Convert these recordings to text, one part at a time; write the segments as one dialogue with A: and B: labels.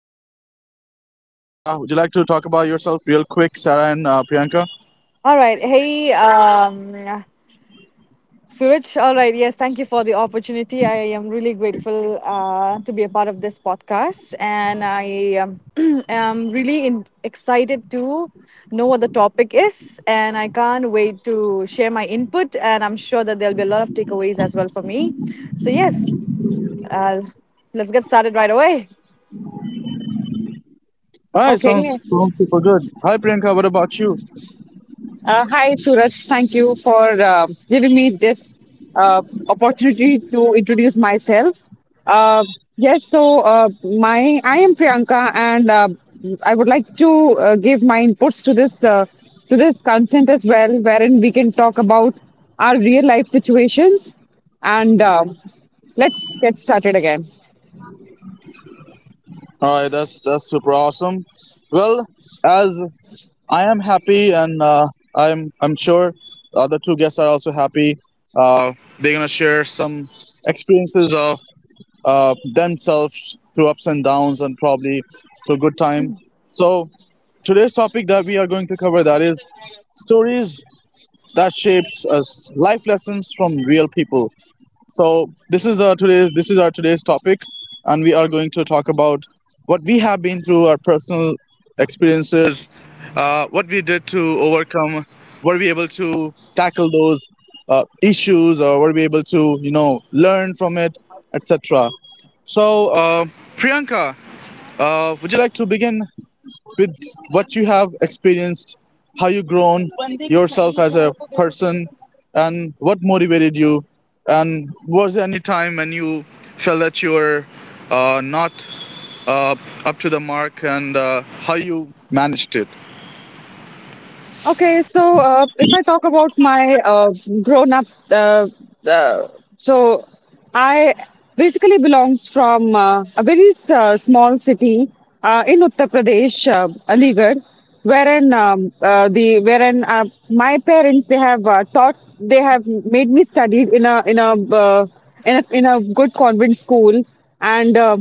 A: Priyanka, another one is Sarah. Would you like to talk about yourself real quick, Sarah, and Priyanka?
B: All right. Hey, Suraj. All right. Yes, thank you for the opportunity. I am really grateful to be a part of this podcast. And I am really excited to know what the topic is. And I can't wait to share my input. And I'm sure that there'll be a lot of takeaways as well for me. So, yes, uh, let's get started right away.
A: All right,
C: Okay.
A: sounds super good. Hi, Priyanka. What about you?
C: Hi, Suraj. Thank you for giving me this uh, opportunity to introduce myself. Uh, yes, so my I am Priyanka, and I would like to give my inputs to this content as well, wherein we can talk about our real life situations. And let's get started again.
A: All right, that's super awesome. Well, as I am happy, and I'm sure the other two guests are also happy. Uh, they're gonna share some experiences of themselves through ups and downs, and probably through good time. So today's topic that we are going to cover, that is stories that shapes us, life lessons from real people. So this is our today's topic, and we are going to talk about what we have been through, our personal experiences, what we did to overcome, were we able to tackle those issues, or were we able to learn from it, etc. So Priyanka, would you like to begin with what you have experienced, how you grown yourself as a person, and what motivated you, and was there any time when you felt that you were not uh, up to the mark, and how you managed it?
C: Okay, so if I talk about my grown up, uh, uh, so I basically belongs from a very small city in Uttar Pradesh, Aligarh, wherein the wherein my parents, they have made me studied in a uh, in a good convent school. And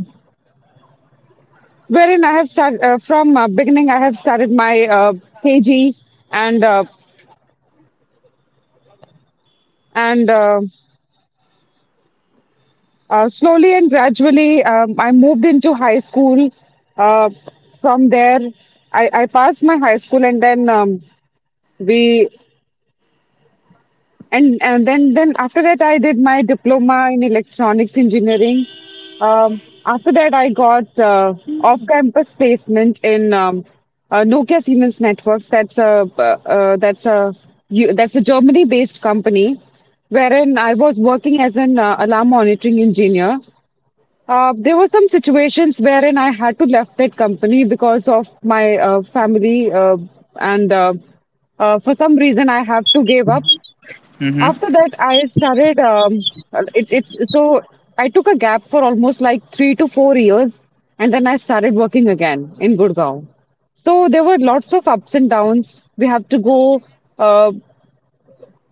C: wherein I have started my KG, and and uh, slowly and gradually I moved into high school. uh, from there, I passed my high school, and then we and then after that I did my diploma in electronics engineering. After that I got off campus placement in Nokia Siemens Networks. That's a that's a you- that's a Germany based company, wherein I was working as an alarm monitoring engineer. There were some situations wherein I had to left that company because of my family, and for some reason I have to give up. After
A: Mm-hmm.
C: that, I started. It, it's so I took a gap for almost like 3 to 4 years, and then I started working again in Gurgaon. So there were lots of ups and downs. We have to go. Uh,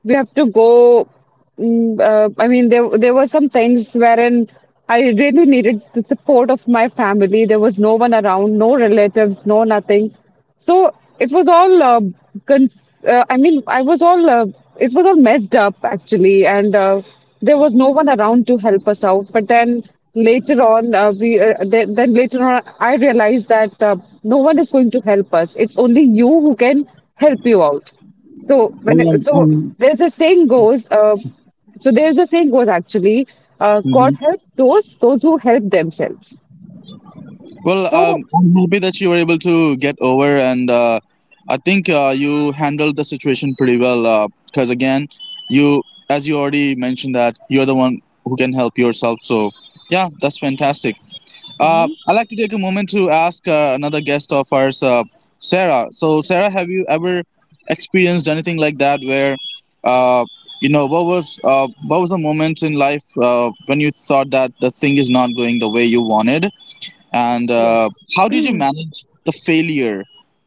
C: we have to go. Mm, I mean, there were some things wherein I really needed the support of my family. There was no one around, no relatives, no nothing. So it was all. Conf- I mean, I was all. It was all messed up actually, and there was no one around to help us out. But then later on, we then later on I realized that no one is going to help us. It's only you who can help you out. So
A: Well, I'm,
C: there's a saying goes actually, God
A: I'm,
C: help those who help themselves.
A: Well,
C: So.
A: I'm happy that you were able to get over, and I think you handled the situation pretty well. Because again, you, as you already mentioned, that you're the one who can help yourself. So, yeah, that's fantastic.
B: Mhm.
A: I'd like to take a moment to ask another guest of ours, Sarah. So, Sarah, have you ever experienced anything like that where, uh, what was a moment in life when you thought that the thing is not going the way you wanted? And
B: Yes.
A: how did you manage the failure,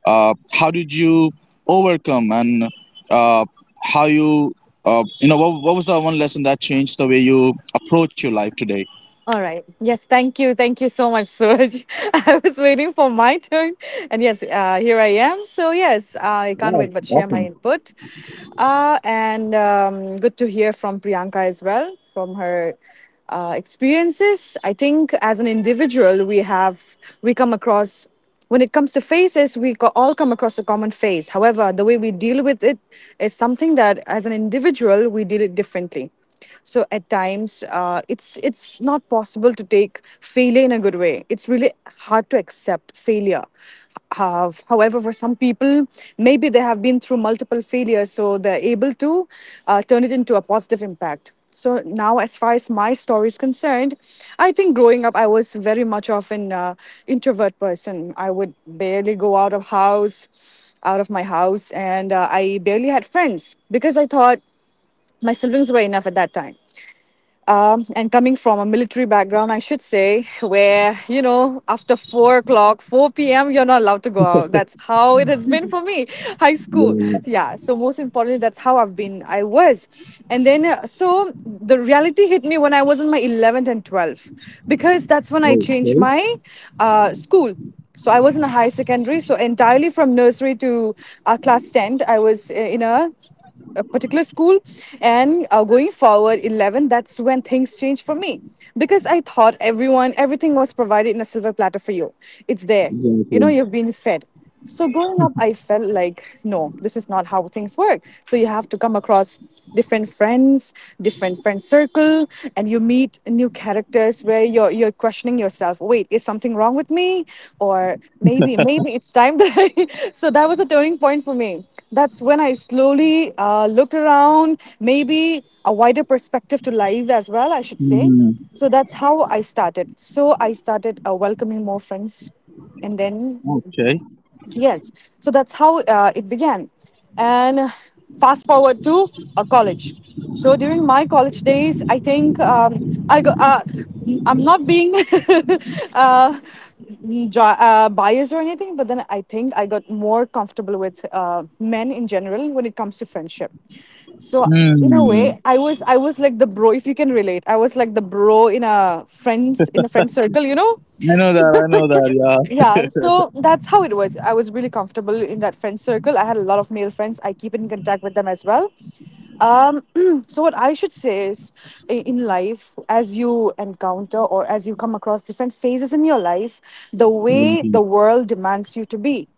A: how did you overcome, and uh, how you you know what was the one lesson that changed the way you approach your life today?
B: All right. Yes, thank you. Thank you so much, Suraj. I was waiting for my turn. And yes, here I am. So, yes, I can't
A: Wow,
B: wait but share
A: awesome.
B: my input. And Good to hear from Priyanka as well, from her experiences. I think as an individual, we come across when it comes to phases, all come across a common phase. However, the way we deal with it is something that, as an individual, we deal it differently. So at times, it's not possible to take failure in a good way. It's really hard to accept failure. However, for some people, maybe they have been through multiple failures, so they're able to turn it into a positive impact. So now, as far as my story is concerned, I think growing up, I was very much of an introvert person. I would barely go out of out of my house, and I barely had friends because I thought my siblings were enough at that time. And coming from a military background, I should say, where, you know, after 4 o'clock, 4 p.m., you're not allowed to go out. That's how it has been for me, high school. Yeah, so most importantly, that's how I was. And then, so the reality hit me when I was in my 11th and 12th, because that's when I changed my school. So I was in a high secondary, so entirely from nursery to class 10, I was in a particular school, and going forward 11, that's when things changed for me, because I thought everyone, everything was provided in a silver platter for you. It's there, you know,
A: Exactly.
B: you've been fed. So growing up I felt like, no, this is not how things work. So you have to come across different friends, different friend circle, and you meet new characters where you're questioning yourself. Wait, is something wrong with me? Or maybe it's time that I. So that was a turning point for me. That's when I slowly looked around, maybe a wider perspective to life as well. I should say.
A: Hmm.
B: So that's how I started. So I started welcoming more friends, and then
A: Okay.
B: Yes. So that's how it began. And fast forward to college. So during my college days, I think I go, uh, I'm not being uh, biased or anything, but then I think I got more comfortable with men in general when it comes to friendship. So in a
A: Hmm.
B: way, I was like the bro, if you can relate. I was like the bro in a friend circle, you know.
A: I know that, I know that, yeah.
B: Yeah, so that's how it was. I was really comfortable in that friend circle. I had a lot of male friends. I keep in contact with them as well. Um, so what I should say is, in life, as you encounter or as you come across different phases in your life, the way
A: Exactly.
B: the world demands you to be,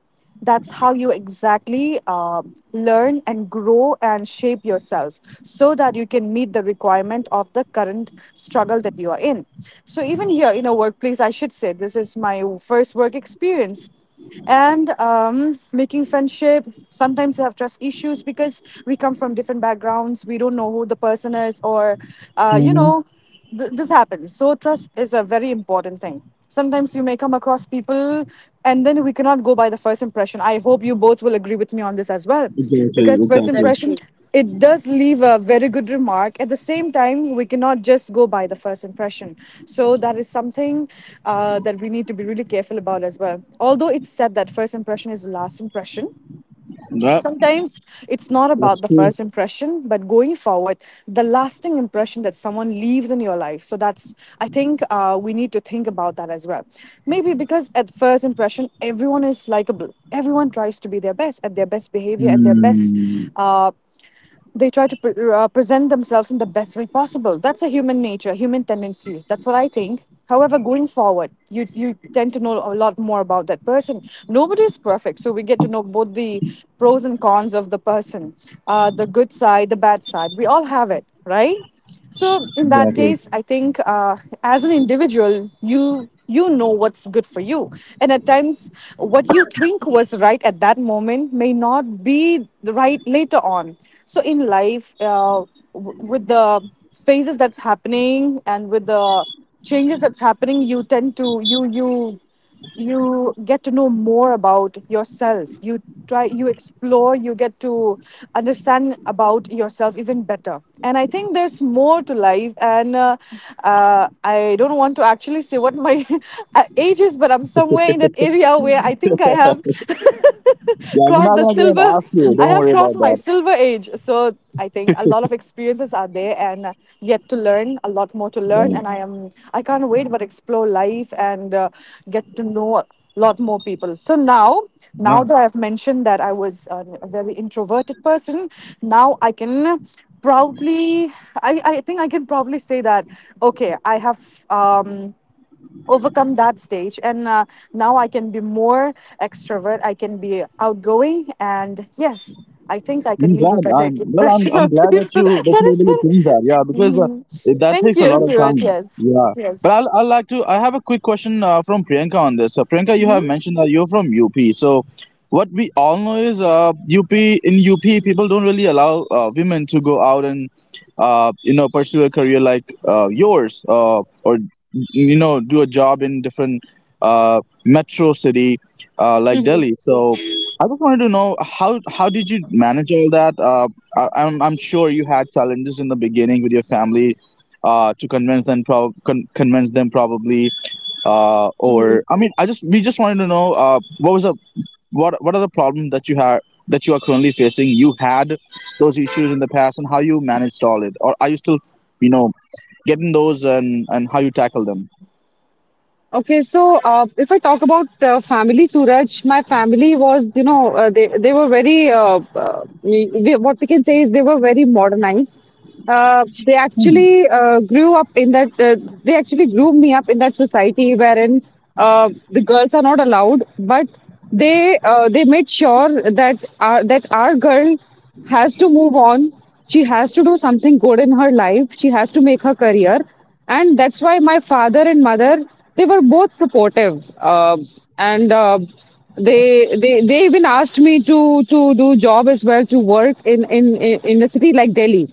B: that's how you exactly learn and grow and shape yourself, so that you can meet the requirement of the current struggle that you are in. So even here in a workplace, I should say this is my first work experience, and making friendship, sometimes you have trust issues because we come from different backgrounds. We don't know who the person is, or you
A: Hmm.
B: know, this happens. So trust is a very important thing. Sometimes you may come across people, and then we cannot go by the first impression. I hope you both will agree with me on this as well,
A: Exactly,
B: because first
A: exactly.
C: That's
B: impression,
C: true.
B: it does leave a very good remark. At the same time, we cannot just go by the first impression. So that is something that we need to be really careful about as well. Although it's said that first impression is the last impression,
A: Yep.
B: sometimes it's not
A: That's
B: about the
A: true.
B: first impression, but going forward, the lasting impression that someone leaves in your life. So that's, I think we need to think about that as well. Maybe because at first impression, everyone is likable. Everyone tries to be their best, at their best behavior, at their best.
A: Hmm.
B: Uh, they try to present themselves in the best way possible. That's a human nature, human tendency. That's what I think. However, going forward, you tend to know a lot more about that person. Nobody is perfect, so we get to know both the pros and cons of the person, the good side, the bad side. We all have it, right? So in that
A: Exactly.
B: case, I think as an individual, you know what's good for you, and at times, what you think was right at that moment may not be the right later on. So in life, with the phases that's happening and with the changes that's happening, you tend to you you get to know more about yourself. You try, you explore, you get to understand about yourself even better, and I think there's more to life. And I don't want to actually say what my age is, but I'm somewhere in that area where I think I have
A: Yeah, we're
B: crossed
A: not
B: the
A: gonna go and
B: silver,
A: ask you.
B: I
A: Don't
B: have
A: worry about
B: crossed my
A: that.
B: silver age. So I think a lot of experiences are there and yet to learn, a lot more to learn. And I can't wait but explore life, and get to know a lot more people. So now, now
A: No,
B: that I've mentioned that I was a very introverted person, now I can proudly, I think I can proudly say that, okay, I have. Overcome that stage, and now I can be more extrovert, I can be outgoing, and yes, I think I can
A: I'm
B: leave a
A: glad.
B: better
A: I'm well.
B: impression
A: I'm
B: on
A: glad that
B: people.
A: you that
B: That
A: you're
B: is
A: able to
B: what
A: change that. Yeah, because
B: Mhm.
A: that
B: Thank
A: takes a
B: you,
A: lot of
B: Suraj.
A: time.
B: Yes.
A: Yeah, but
B: Yes.
A: I'll like to. I have a quick question from Priyanka on this. Priyanka, you have mentioned that you're from UP. So, what we all know is, UP, in UP people don't really allow women to go out and, you know, pursue a career like yours, or you know, do a job in different metro city, like Delhi. So I just wanted to know how did you manage all that? I'm sure you had challenges in the beginning with your family, to convince them probably. Or I mean, I just we just wanted to know what was the what are the problems that you have that you are currently facing? You had those issues in the past, and how you managed all it, or are you still you know getting those and how you tackle them?
C: Okay, so if I talk about family, Suraj, my family was, you know, they were very, what we can say is they were very modernized. They actually grew up in that, they actually grew me up in that society wherein the girls are not allowed, but they made sure that that our girl has to move on. She has to do something good in her life. She has to make her career. And that's why my father and mother, they were both supportive. And they, they even asked me to do job as well, to work in a city like Delhi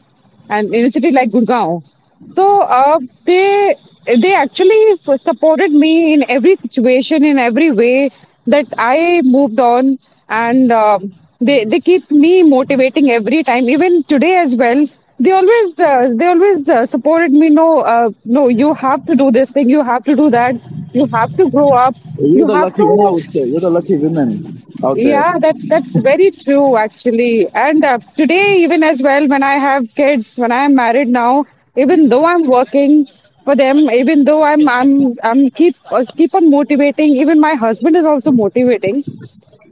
C: and in a city like Gurgaon. So they actually supported me in every situation, in every way that I moved on, and they keep me motivating every time, even today as well. They always supported me. No, no, you have to do this thing. You have to do that. You have to grow up.
A: You're
C: You
A: the
C: have
A: lucky one, I
C: to.
A: would say. You're the lucky women out
C: Yeah, that's very true actually. And today, even as well, when I have kids, when I am married now, even though I'm working for them, even though I'm keep keep on motivating. Even my husband is also motivating.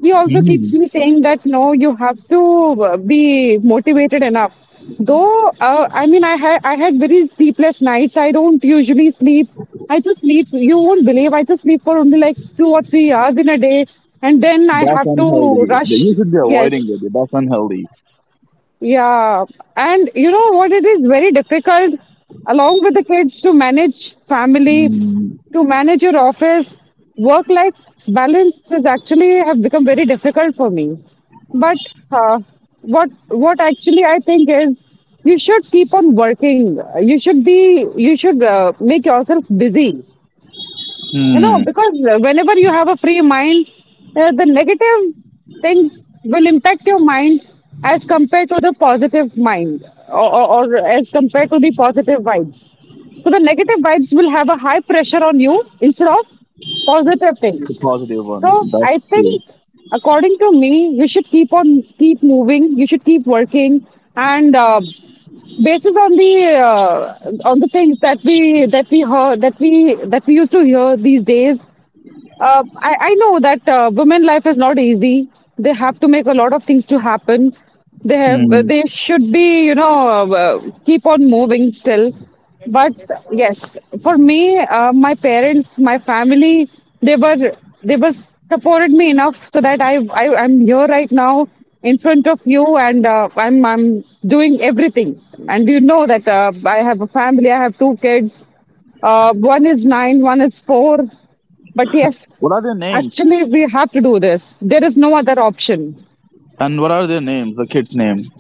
C: He also keeps me saying that no, you have to be motivated enough, though I mean I had very sleepless nights. I don't usually sleep. I just sleep, you won't believe, I just sleep for only like 2 or 3 hours in a day, and then I
A: That's
C: have to
A: unhealthy. That You
C: rush.
A: should be avoiding it.
C: Yes,
A: That's unhealthy.
C: yeah, and you know what? It is very difficult, along with the kids, to manage family,
A: Hmm.
C: to manage your office. Work life balance is actually have become very difficult for me. But uh, what actually I think is, you should keep on working. You should be, you should make yourself busy, you know,
A: Hmm.
C: because whenever you have a free mind, the negative things will impact your mind as compared to the positive mind, or, or as compared to the positive vibes. So the negative vibes will have a high pressure on you instead of positive
A: The
C: things.
A: positive one.
C: So I
A: That's true.
C: think, according to me, you should keep on keep moving. You should keep working, and basis on the things that we used to hear these days, I know that women life is not easy. They have to make a lot of things to happen. They have
A: Hmm.
C: they should be, you know, keep on moving still. But yes, for me, my parents, my family, they were they were supported me enough so that I I'm here right now in front of you, and I'm doing everything. And you know that I have a family. I have two kids. One is 9, one is 4. But yes,
A: What are their names?
C: actually, we have to do this. There is no other option.
A: And what are their names? The kids' name.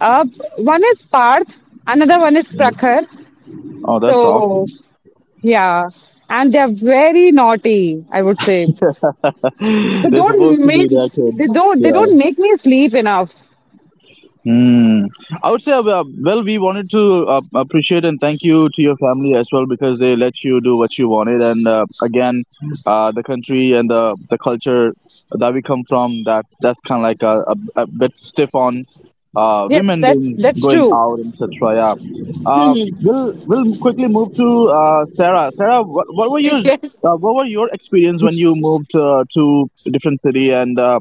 C: Uh, One is Parth, another one is Prakhar.
A: Oh, that's awful.
C: So, yeah. And they're very naughty, I would say. They
A: They're supposed
C: don't
A: to be
C: make
A: their kids.
C: they
A: Yeah.
C: don't make me sleep enough.
A: Mm. I would say, well, we wanted to appreciate and thank you to your family as well because they let you do what you wanted. And again, the country and the culture that we come from, that's kind of like a bit stiff on
C: Yes,
A: women being
C: that's
A: going
C: true.
A: out, etc. Yeah. Uh, we'll quickly move to Sarah. Sarah, what were your
B: Yes.
A: experience when
C: Yes.
A: you moved to a different city? And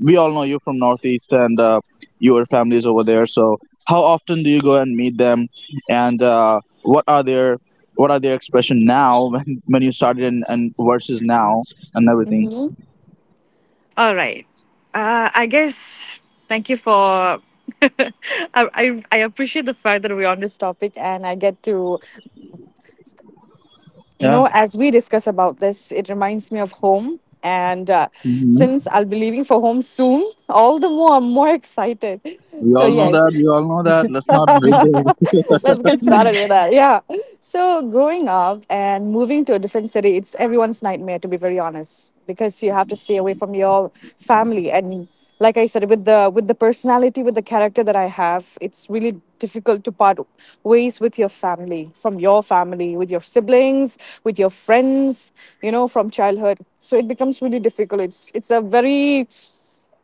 A: we all know you're from Northeast, and your families over there. So how often do you go and meet them, and what are their expression now when you started and versus now and everything?
B: Hmm. All right. I guess thank you for. I, I I appreciate the fact that we're on this topic and I get to, you
A: Yeah.
B: know, as we discuss about this, it reminds me of home. And
A: Hmm.
B: since I'll be leaving for home soon, all the more I'm more excited.
A: We
B: So
A: all know that.
B: yes,
A: We all know that. Let's not break the.
B: let's get started with that. Yeah. So, growing up and moving to a different city, it's everyone's nightmare, to be very honest, because you have to stay away from your family. And like I said, with the personality, with the character that I have, it's really difficult to part ways with your family, from your family, with your siblings, with your friends, you know, from childhood. So it becomes really difficult. It's a very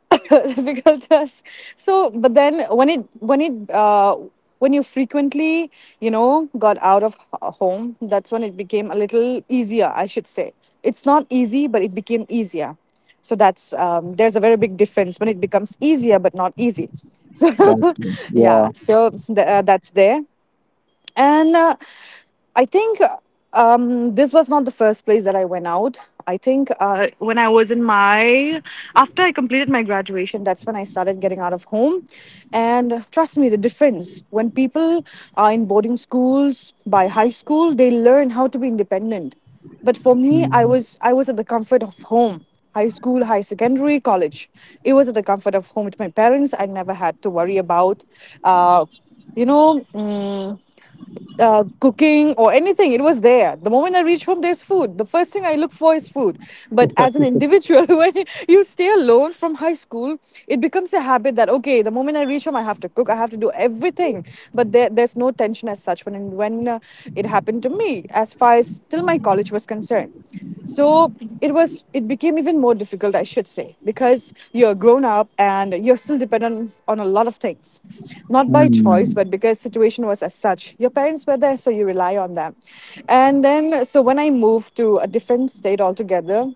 B: difficult to us. So, but then when it when you frequently, you know, got out of home, that's when it became a little easier. I should say it's not easy, but it became easier. So that's there's a very big difference when it becomes easier but not easy. So
A: Gotcha.
B: yeah,
A: Yeah.
B: so that's there. And I think this was not the first place that I went out. I think when I was in my, after I completed my graduation, that's when I started getting out of home. And trust me, the difference when people are in boarding schools by high school, they learn how to be independent. But for me, I was at the comfort of home. High school, high secondary, college. It was at the comfort of home with my parents. I never had to worry about, uh, you know, mm, cooking or anything. It was there. The moment I reach home, there's food. The first thing I look for is food. But as an individual, when you stay alone from high school, it becomes a habit that okay, the moment I reach home, I have to cook. I have to do everything. But there, there's no tension as such when it happened to me, as far as till my college was concerned. So it became even more difficult, I should say, because you're grown up and you're still dependent on a lot of things. Not by choice,
A: Mhm.
B: but because situation was as such. Your parents were there, so you rely on them. And then so when I moved to a different state altogether,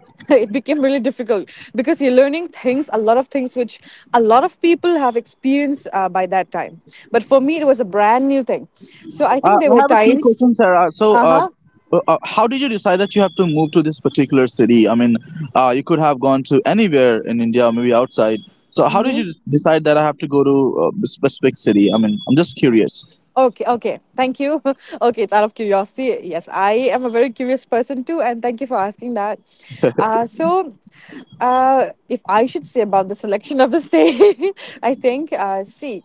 B: it became really difficult because you're learning things, a lot of things which a lot of people have experienced by that time. But for me, it was a brand new thing. So I think there
A: I
B: were
A: have a quick
B: times.
A: question, Sarah. So,
B: Uh huh.
A: how did you decide that you have to move to this particular city? I mean, you could have gone to anywhere in India, maybe outside. So, how did you decide that I have to go to a specific city? I mean, I'm just curious.
B: Okay, okay. Thank you. Okay, it's out of curiosity. Yes, I am a very curious person too, and thank you for asking that. Uh, so, if I should say about the selection of the stay, I think, see,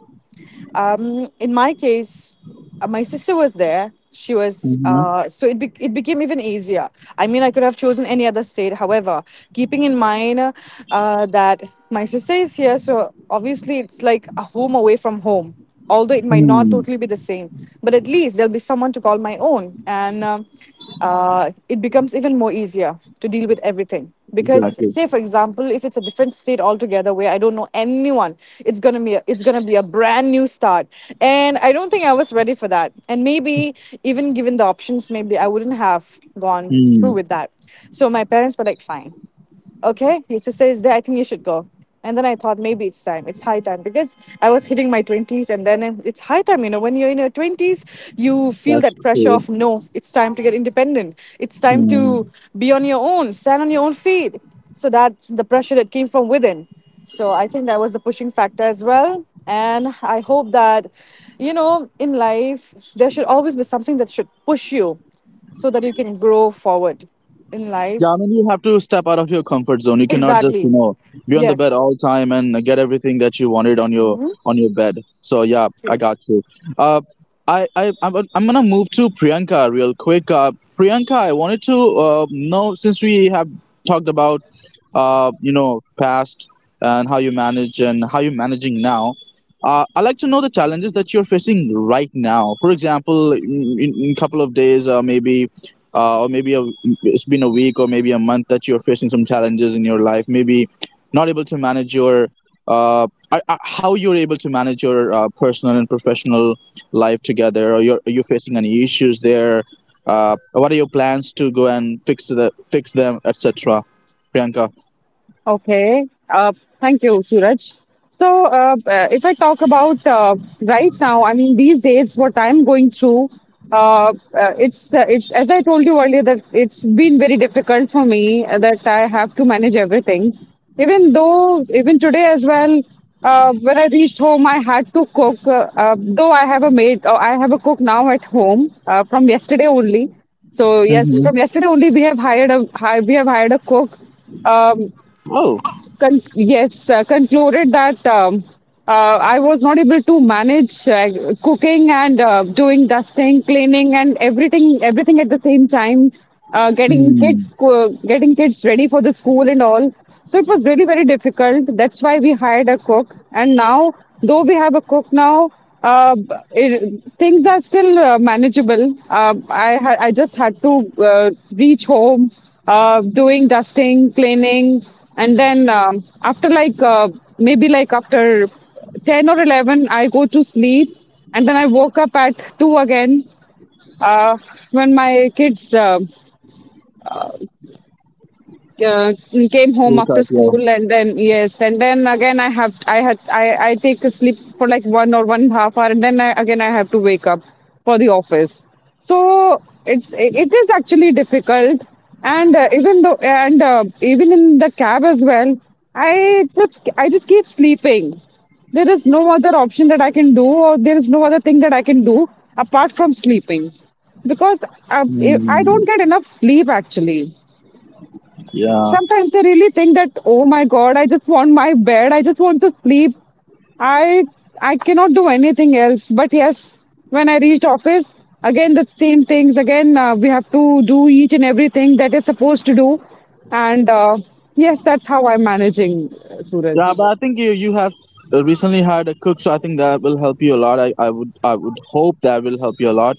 B: in my case, my sister was there. She was, so it became even easier. I mean, I could have chosen any other state. However, keeping in mind that my sister is here, so obviously it's like a home away from home, although it might not totally be the same, but at least there'll be someone to call my own, and it becomes even more easier to deal with everything because,
A: Exactly.
B: say for example, if it's a different state altogether where I don't know anyone, it's gonna be a brand new start, and I don't think I was ready for that, and maybe, even given the options, maybe I wouldn't have gone through
A: Hmm,
B: with that. So my parents were like, fine, okay, your sister is there. I think you should go. And then I thought maybe it's time. It's high time because I was hitting my 20s, and then it's high time. You know, when you're in your 20s, you feel
A: that's
B: that pressure
A: true.
B: of, no, it's time to get independent. It's time
A: Hmm.
B: to be on your own, stand on your own feet. So that's the pressure that came from within. So I think that was the pushing factor as well. And I hope that, you know, in life, there should always be something that should push you so that you can grow forward in
A: Yeah, I
B: life.
A: mean, you have to step out of your comfort zone. You cannot just, you
B: Exactly.
A: know, be on the bed
B: Yes.
A: all time and get everything that you wanted on your bed. So yeah, I
B: True.
A: got you. Uh, I'm gonna move to Priyanka real quick. Priyanka, I wanted to know since we have talked about you know past and how you manage and how you're managing now, I like to know the challenges that you're facing right now, for example, in a couple of days or maybe uh, or maybe a, it's been a week or maybe a month that you're facing some challenges in your life, maybe not able to manage your uh, how you're able to manage your personal and professional life together, or are you facing any issues there, what are your plans to go and fix them, etc., Priyanka?
C: Okay. Thank you, Suraj. So, if I talk about right now, I mean these days, what I'm going through, it's as I told you earlier that it's been very difficult for me that I have to manage everything. Even though, even today as well, when I reached home, I had to cook. Though I have a maid, I have a cook now at home from yesterday only. So yes,
A: Mm-hmm.
C: from yesterday only we have hired a cook. Um,
A: Oh.
C: concluded that uh, I was not able to manage cooking and doing dusting, cleaning, and everything at the same time.
A: Hmm.
C: Getting kids ready for the school and all. So it was really very difficult. That's why we hired a cook. And now, though we have a cook now, things are still manageable. I just had to reach home, doing dusting, cleaning, and then after like maybe like after 10 or 11 I go to sleep, and then I woke up at 2 again uh, when my kids uh, came home after school. And then yes, and then again I have I had I take a sleep for like 1 or 1.5 hour, and then again I have to wake up for the office. So it is actually difficult. And even though and even in the cab as well I just keep sleeping. There is no other option that I can do, or there is no other thing that I can do apart from sleeping, because I
A: Hmm.
C: don't get enough sleep actually.
A: Yeah.
C: Sometimes I really think that, oh my God, I just want my bed. I just want to sleep. I I cannot do anything else. But yes, when I reached office, again the same things. Again, we have to do each and everything that is supposed to do. And yes, that's how I'm managing, Suraj.
A: Yeah, but I think you have recently had a cook, so I think that will help you a lot. I would hope that will help you a lot,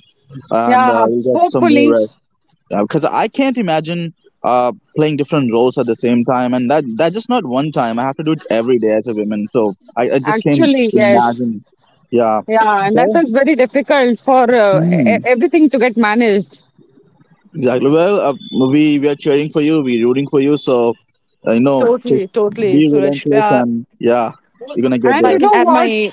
A: and
C: Yeah,
A: you get some more
C: hopefully.
A: rest. Yeah, because I can't imagine playing different roles at the same time, and that just not one time. I have to do it every day as a woman, so I just can't
C: Actually, yes.
A: imagine. Yeah.
C: Yeah, and that
A: Okay.
C: is very difficult for everything to get managed.
A: Exactly. Well, we are cheering for you. We're rooting for you. So, just
B: Totally, totally,
A: be
B: Suraj.
A: relentless, and yeah, you're gonna get
C: And
B: If I
C: you
A: there.
B: can
C: know
B: add
C: what?
B: my,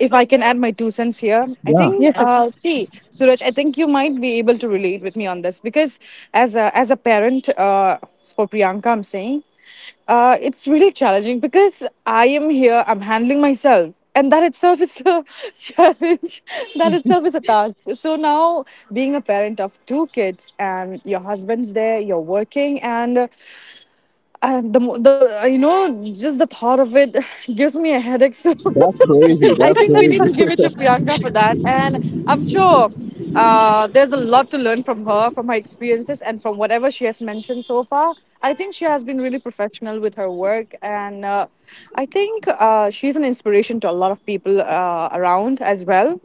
B: if I can add my two cents here, I
A: Yeah.
B: think,
C: Yes, sir.
B: see, Suraj, I think you might be able to relate with me on this because as a, as a parent, for Priyanka, I'm saying, it's really challenging because I am here, I'm handling myself. And that itself is a challenge. That itself is a task. So now, being a parent of two kids, and your husband's there, you're working, And the, mo- the you know, just the thought of it gives me a headache. So I think we need to give it to Priyanka for that. And I'm sure there's a lot to learn from her experiences, and from whatever she has mentioned so far. I think she has been really professional with her work, and I think she's an inspiration to a lot of people around as well.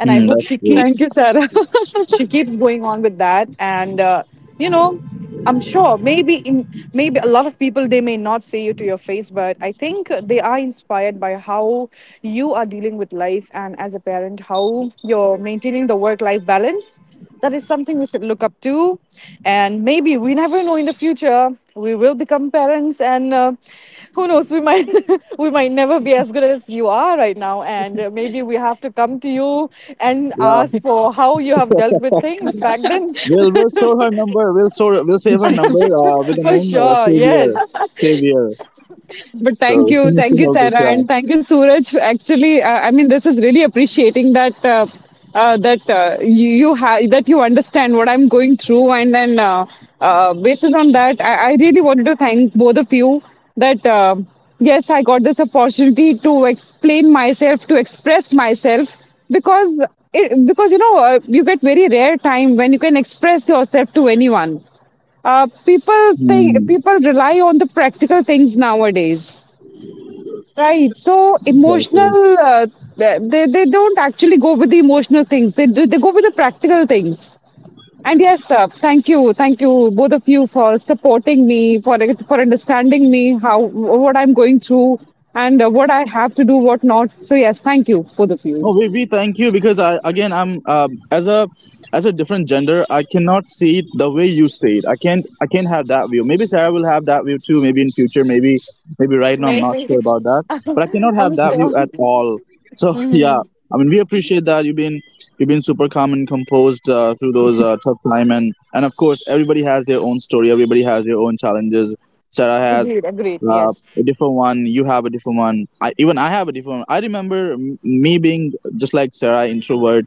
B: And I
A: Hmm,
B: hope
A: that's true.
C: Thank you, Sarah.
B: she keeps going on with that, and you know, I'm sure, maybe in, maybe a lot of people, they may not say you to your face, but I think they are inspired by how you are dealing with life, and as a parent, how you're maintaining the work life balance. That is something we should look up to. And maybe we never know, in the future, we will become parents, and who knows, we might, we might never be as good as you are right now, and maybe we have to come to you and
A: Yeah,
B: ask for how you have dealt with things back then.
A: we'll store her number. We'll store. We'll save her number. With the
B: For
A: name
B: sure.
A: Savior.
B: Yes.
A: Savior.
C: But
A: So, can you
C: thank
A: still
C: you,
A: help us?
C: Sarah,
A: Yeah.
C: and thank you, Suraj. Actually, I mean, this is really appreciating that that you have that you understand what I'm going through, and then basis on that, I really wanted to thank both of you, that yes, I got this opportunity to explain myself, to express myself, because because you know you get very rare time when you can express yourself to anyone. People think
A: Hmm.
C: people rely on the practical things nowadays. Right. So
A: So,
C: emotional, they don't actually go with the emotional things. They do, they go with the practical things. And yes, thank you both of you for supporting me, for understanding me how what I'm going through, and what I have to do, what not. So yes, thank you both of you.
A: no, we thank you because I again I'm as a different gender I cannot see it the way you see it. I can't have that view. Maybe Sarah will have that view too. Maybe in future. Maybe right now I'm not
B: Maybe.
A: sure about that. But I cannot
B: I'm
A: have that
B: sure.
A: view at all. So yeah, I mean we appreciate that you've been super calm and composed through those tough time, and of course everybody has their own story. Everybody has their own challenges. Sarah has
B: Agreed, agreed.
A: uh,
B: Yes.
A: a different one, you have a different one, even I have a different one. I remember me being just like Sarah, introvert,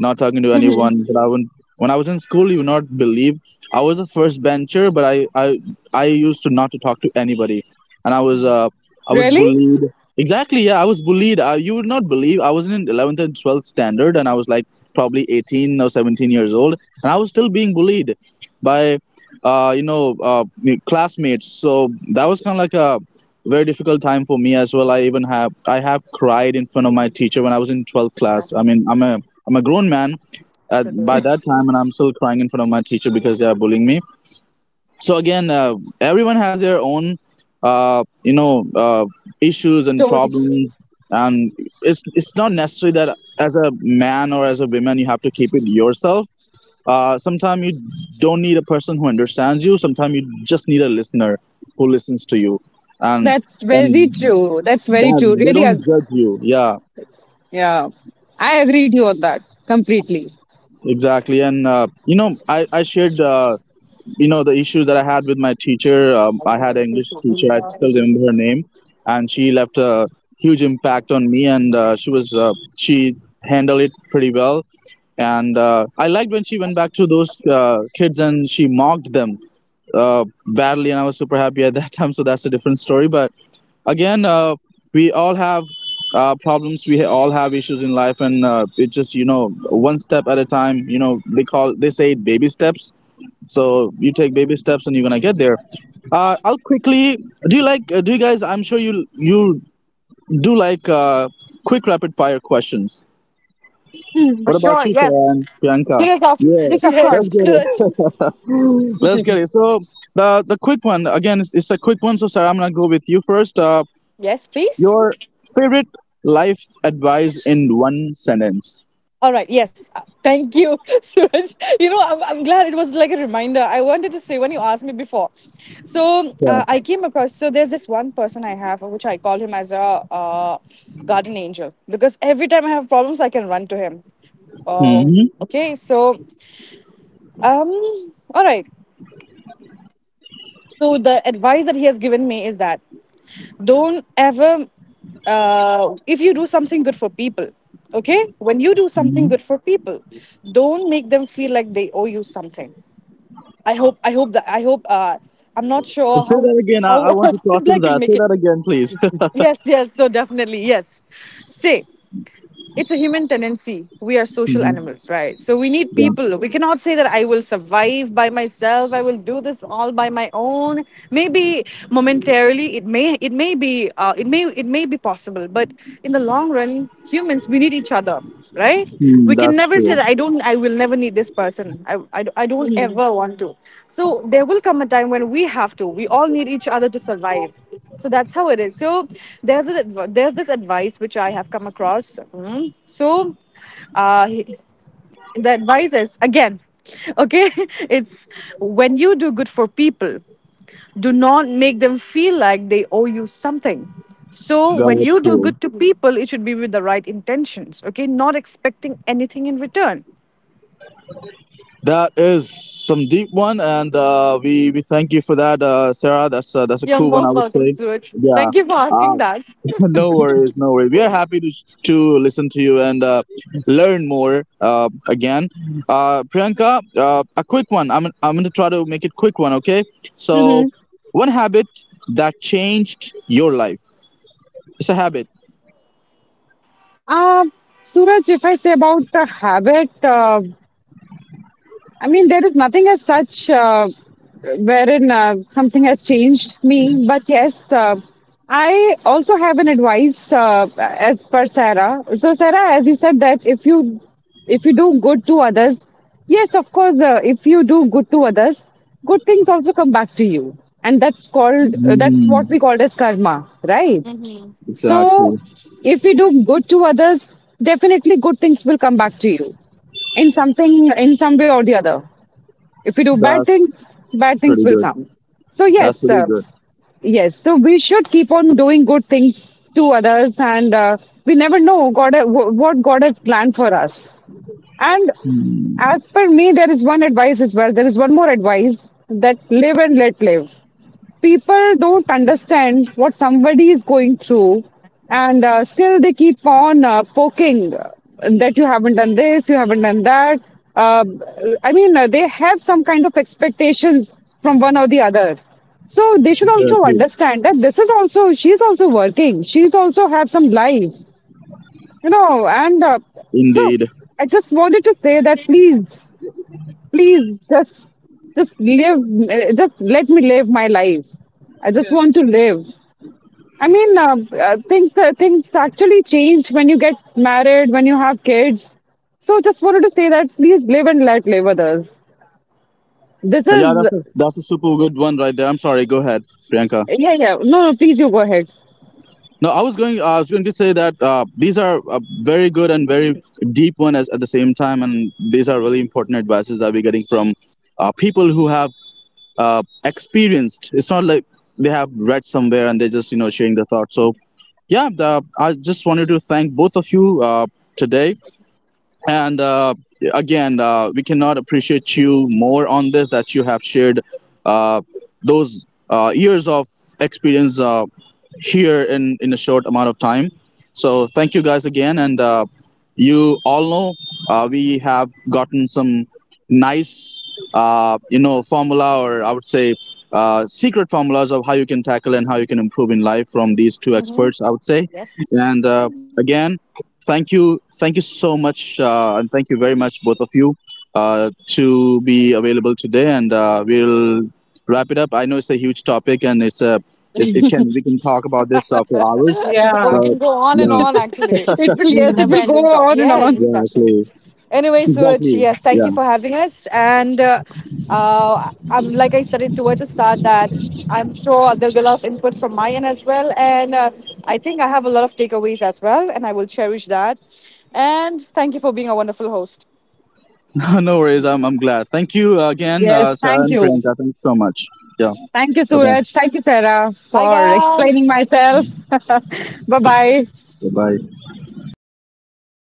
A: not talking to anyone. But I would, not when I was in school, you would not believe I was a first bencher, but I used to not to talk to anybody, and I was
C: Really,
A: bullied. Exactly, yeah, I was bullied. You would not believe I was in 11th and 12th standard, and I was like probably 18 or 17 years old, and I was still being bullied by uh you know uh classmates. So that was kind of like a very difficult time for me as well. I have cried in front of my teacher when I was in 12th class. I mean, I'm a grown man at, by
B: Today.
A: that time, and I'm still crying in front of my teacher because they are bullying me. So again, everyone has their own, uh, you know, uh, issues and
C: story.
A: problems, and it's not necessary that as a man or as a woman you have to keep it yourself. Sometimes you don't need a person who understands you. Sometimes you just need a listener who listens to you, and
C: That's very
A: and
C: true. That's very true.
A: that they
C: Really,
A: don't
C: ag-,
A: judge you. Yeah,
C: yeah, I agree with you on that completely.
A: exactly. And you know, I shared the issue that I had with my teacher. I had an English teacher. I still remember her name, and she left a huge impact on me. And she handled it pretty well. And I liked when she went back to those kids and she mocked them badly, and I was super happy at that time. So that's a different story. But again, we all have problems. All have issues in life, and it just you know one step at a time. You know they call they say it baby steps, so you take baby steps and you're gonna get there. I'll quickly, do you guys, I'm sure you do like, quick rapid fire questions,
B: For
A: what about
B: sure.
A: you
B: Yes.
A: Sayan, Priyanka?
B: Yes.
A: Yeah,
C: Yes, of
A: let's
B: Yes,
C: course.
A: get
B: Suraj.
A: it. Let's get it. So the quick one, again, it's a quick one, so Sarah I'm gonna go with you first,
B: Yes, please.
A: your favorite life advice in one sentence.
B: All right. Yes. Thank you, Suraj. You know, I'm glad it was like a reminder. I wanted to say when you asked me before. So
A: Yeah.
B: I came across, so there's this one person I have, which I call him as a guardian angel because every time I have problems, I can run to him. Oh.
A: Hmm.
B: Okay. So, um, all right. So the advice that he has given me is that, don't ever, if you do something good for people, okay, when you do something good
A: Hmm.
B: for people, don't make them feel like they owe you something. I hope that I hope I'm not sure
A: Say
B: how
A: that again, I
B: how
A: want to
B: simple
A: process
B: I can
A: that, say
B: make it.
A: that again please.
B: Yes, yes, so definitely, yes. Say, it's a human tendency. We are social
A: Hmm.
B: animals, right? So we need
A: Yeah.
B: people. We cannot say that I will survive by myself. I will do this all by my own. Maybe momentarily, it may be possible. But in the long run, humans, we need each other, right?
A: Hmm,
B: We can
A: that's
B: never say
A: true.
B: that I don't, I will never need this person. I don't ever want to. So there will come a time when we have to, we all need each other to survive. So that's how it is. So there's this advice which I have come across. Mhm. So uh the advice is, again, okay, it's, when you do good for people, do not make them feel like they owe you something. So when you do
A: Gotcha.
B: good to people, it should be with the right intentions, okay? Not expecting anything in return.
A: That is some deep one, and we thank you for that, Sarah. That's a
B: You're
A: cool one, I
B: most
A: would
B: welcome,
A: say.
B: Suraj.
A: Yeah,
B: Thank you for
A: uh,
B: asking that.
A: no worries, no worries. We are happy to listen to you and learn more, again. Priyanka, a quick one. I'm going to try to make it quick one. Okay, so
C: Mm-hmm.
A: one habit that changed your life. It's a habit.
C: Uh, Suraj, if I say about the habit, I mean, there is nothing as such wherein something has changed me. But yes, I also have an advice as per Sarah. So, Sarah, as you said that if you, if you do good to others, yes, of course, if you do good to others, good things also come back to you, and that's called that's
A: Mm,
C: what we call it as karma, right? So,
A: exactly.
C: if you do good to others, definitely good things will come back to you in something, in some way or the other. If you do
A: That's
C: bad things
A: pretty
C: will
A: good.
C: come. So,
A: That's
C: yes,
A: pretty good.
C: yes. So, we should keep on doing good things to others, and we never know God what God has planned for us. And as per me, there is one advice as well. There is one more advice, that live and let live. People don't understand what somebody is going through, and still they keep on poking, that you haven't done this, you haven't done that. uh, they have some kind of expectations from one or the other. So they should also understand that this is also, she's also working, she's also have some life, you know. And so
A: Indeed.
C: I just wanted to say that please, please just live. Just let me live my life. I just want to live. i mean uh, things things actually changed when you get married, when you have kids. So just wanted to say that please live and let live others. This is.
A: Yeah, that's a super good one right there. I'm sorry. Go ahead, Priyanka.
C: Yeah, yeah. No, no, please, you go ahead.
A: No, I was going. I was going to say that these are very good and very deep one as at the same time, and these are really important advices that we're getting from people who have experienced. It's not like they have read somewhere and they're just you know sharing their thoughts. So yeah, I just wanted to thank both of you uh, today and again we cannot appreciate you more on this that you have shared uh, those years of experience here in a short amount of time, so thank you guys again, and you all know we have gotten some nice, formula, or I would say secret formulas of how you can tackle and how you can improve in life, from these two experts I would say.
B: Yes.
A: And again, thank you, thank you so much, and thank you very much both of you, to be available today, and we'll wrap it up. I know it's a huge topic and it's a it, it can we can talk about this for hours,
B: Bro, we
C: Yeah.
A: but
B: can go on and
A: yeah,
B: on actually.
C: It will,
B: It's a
C: yes, it
B: never
C: will go
B: ending top.
C: on and
B: Yeah,
C: on.
B: discussion.
A: exactly,
B: Anyway, Suraj,
A: exactly.
B: yes, thank you for having us. And I'm, like I said it towards the start, that I'm sure there'll be a lot of input from my end as well. And I think I have a lot of takeaways as well, and I will cherish that. And thank you for being a wonderful host.
A: Yeah, no worries. I'm glad. Thank you again,
C: Yes,
A: Sarah
C: thank
A: and
C: you,
A: Priyanka. Thanks so much. Yeah.
C: thank you,
A: Bye bye.
C: Suraj, thank you, Sarah,
B: Bye,
C: for explaining
B: guys.
C: myself. Bye bye.
A: Bye bye.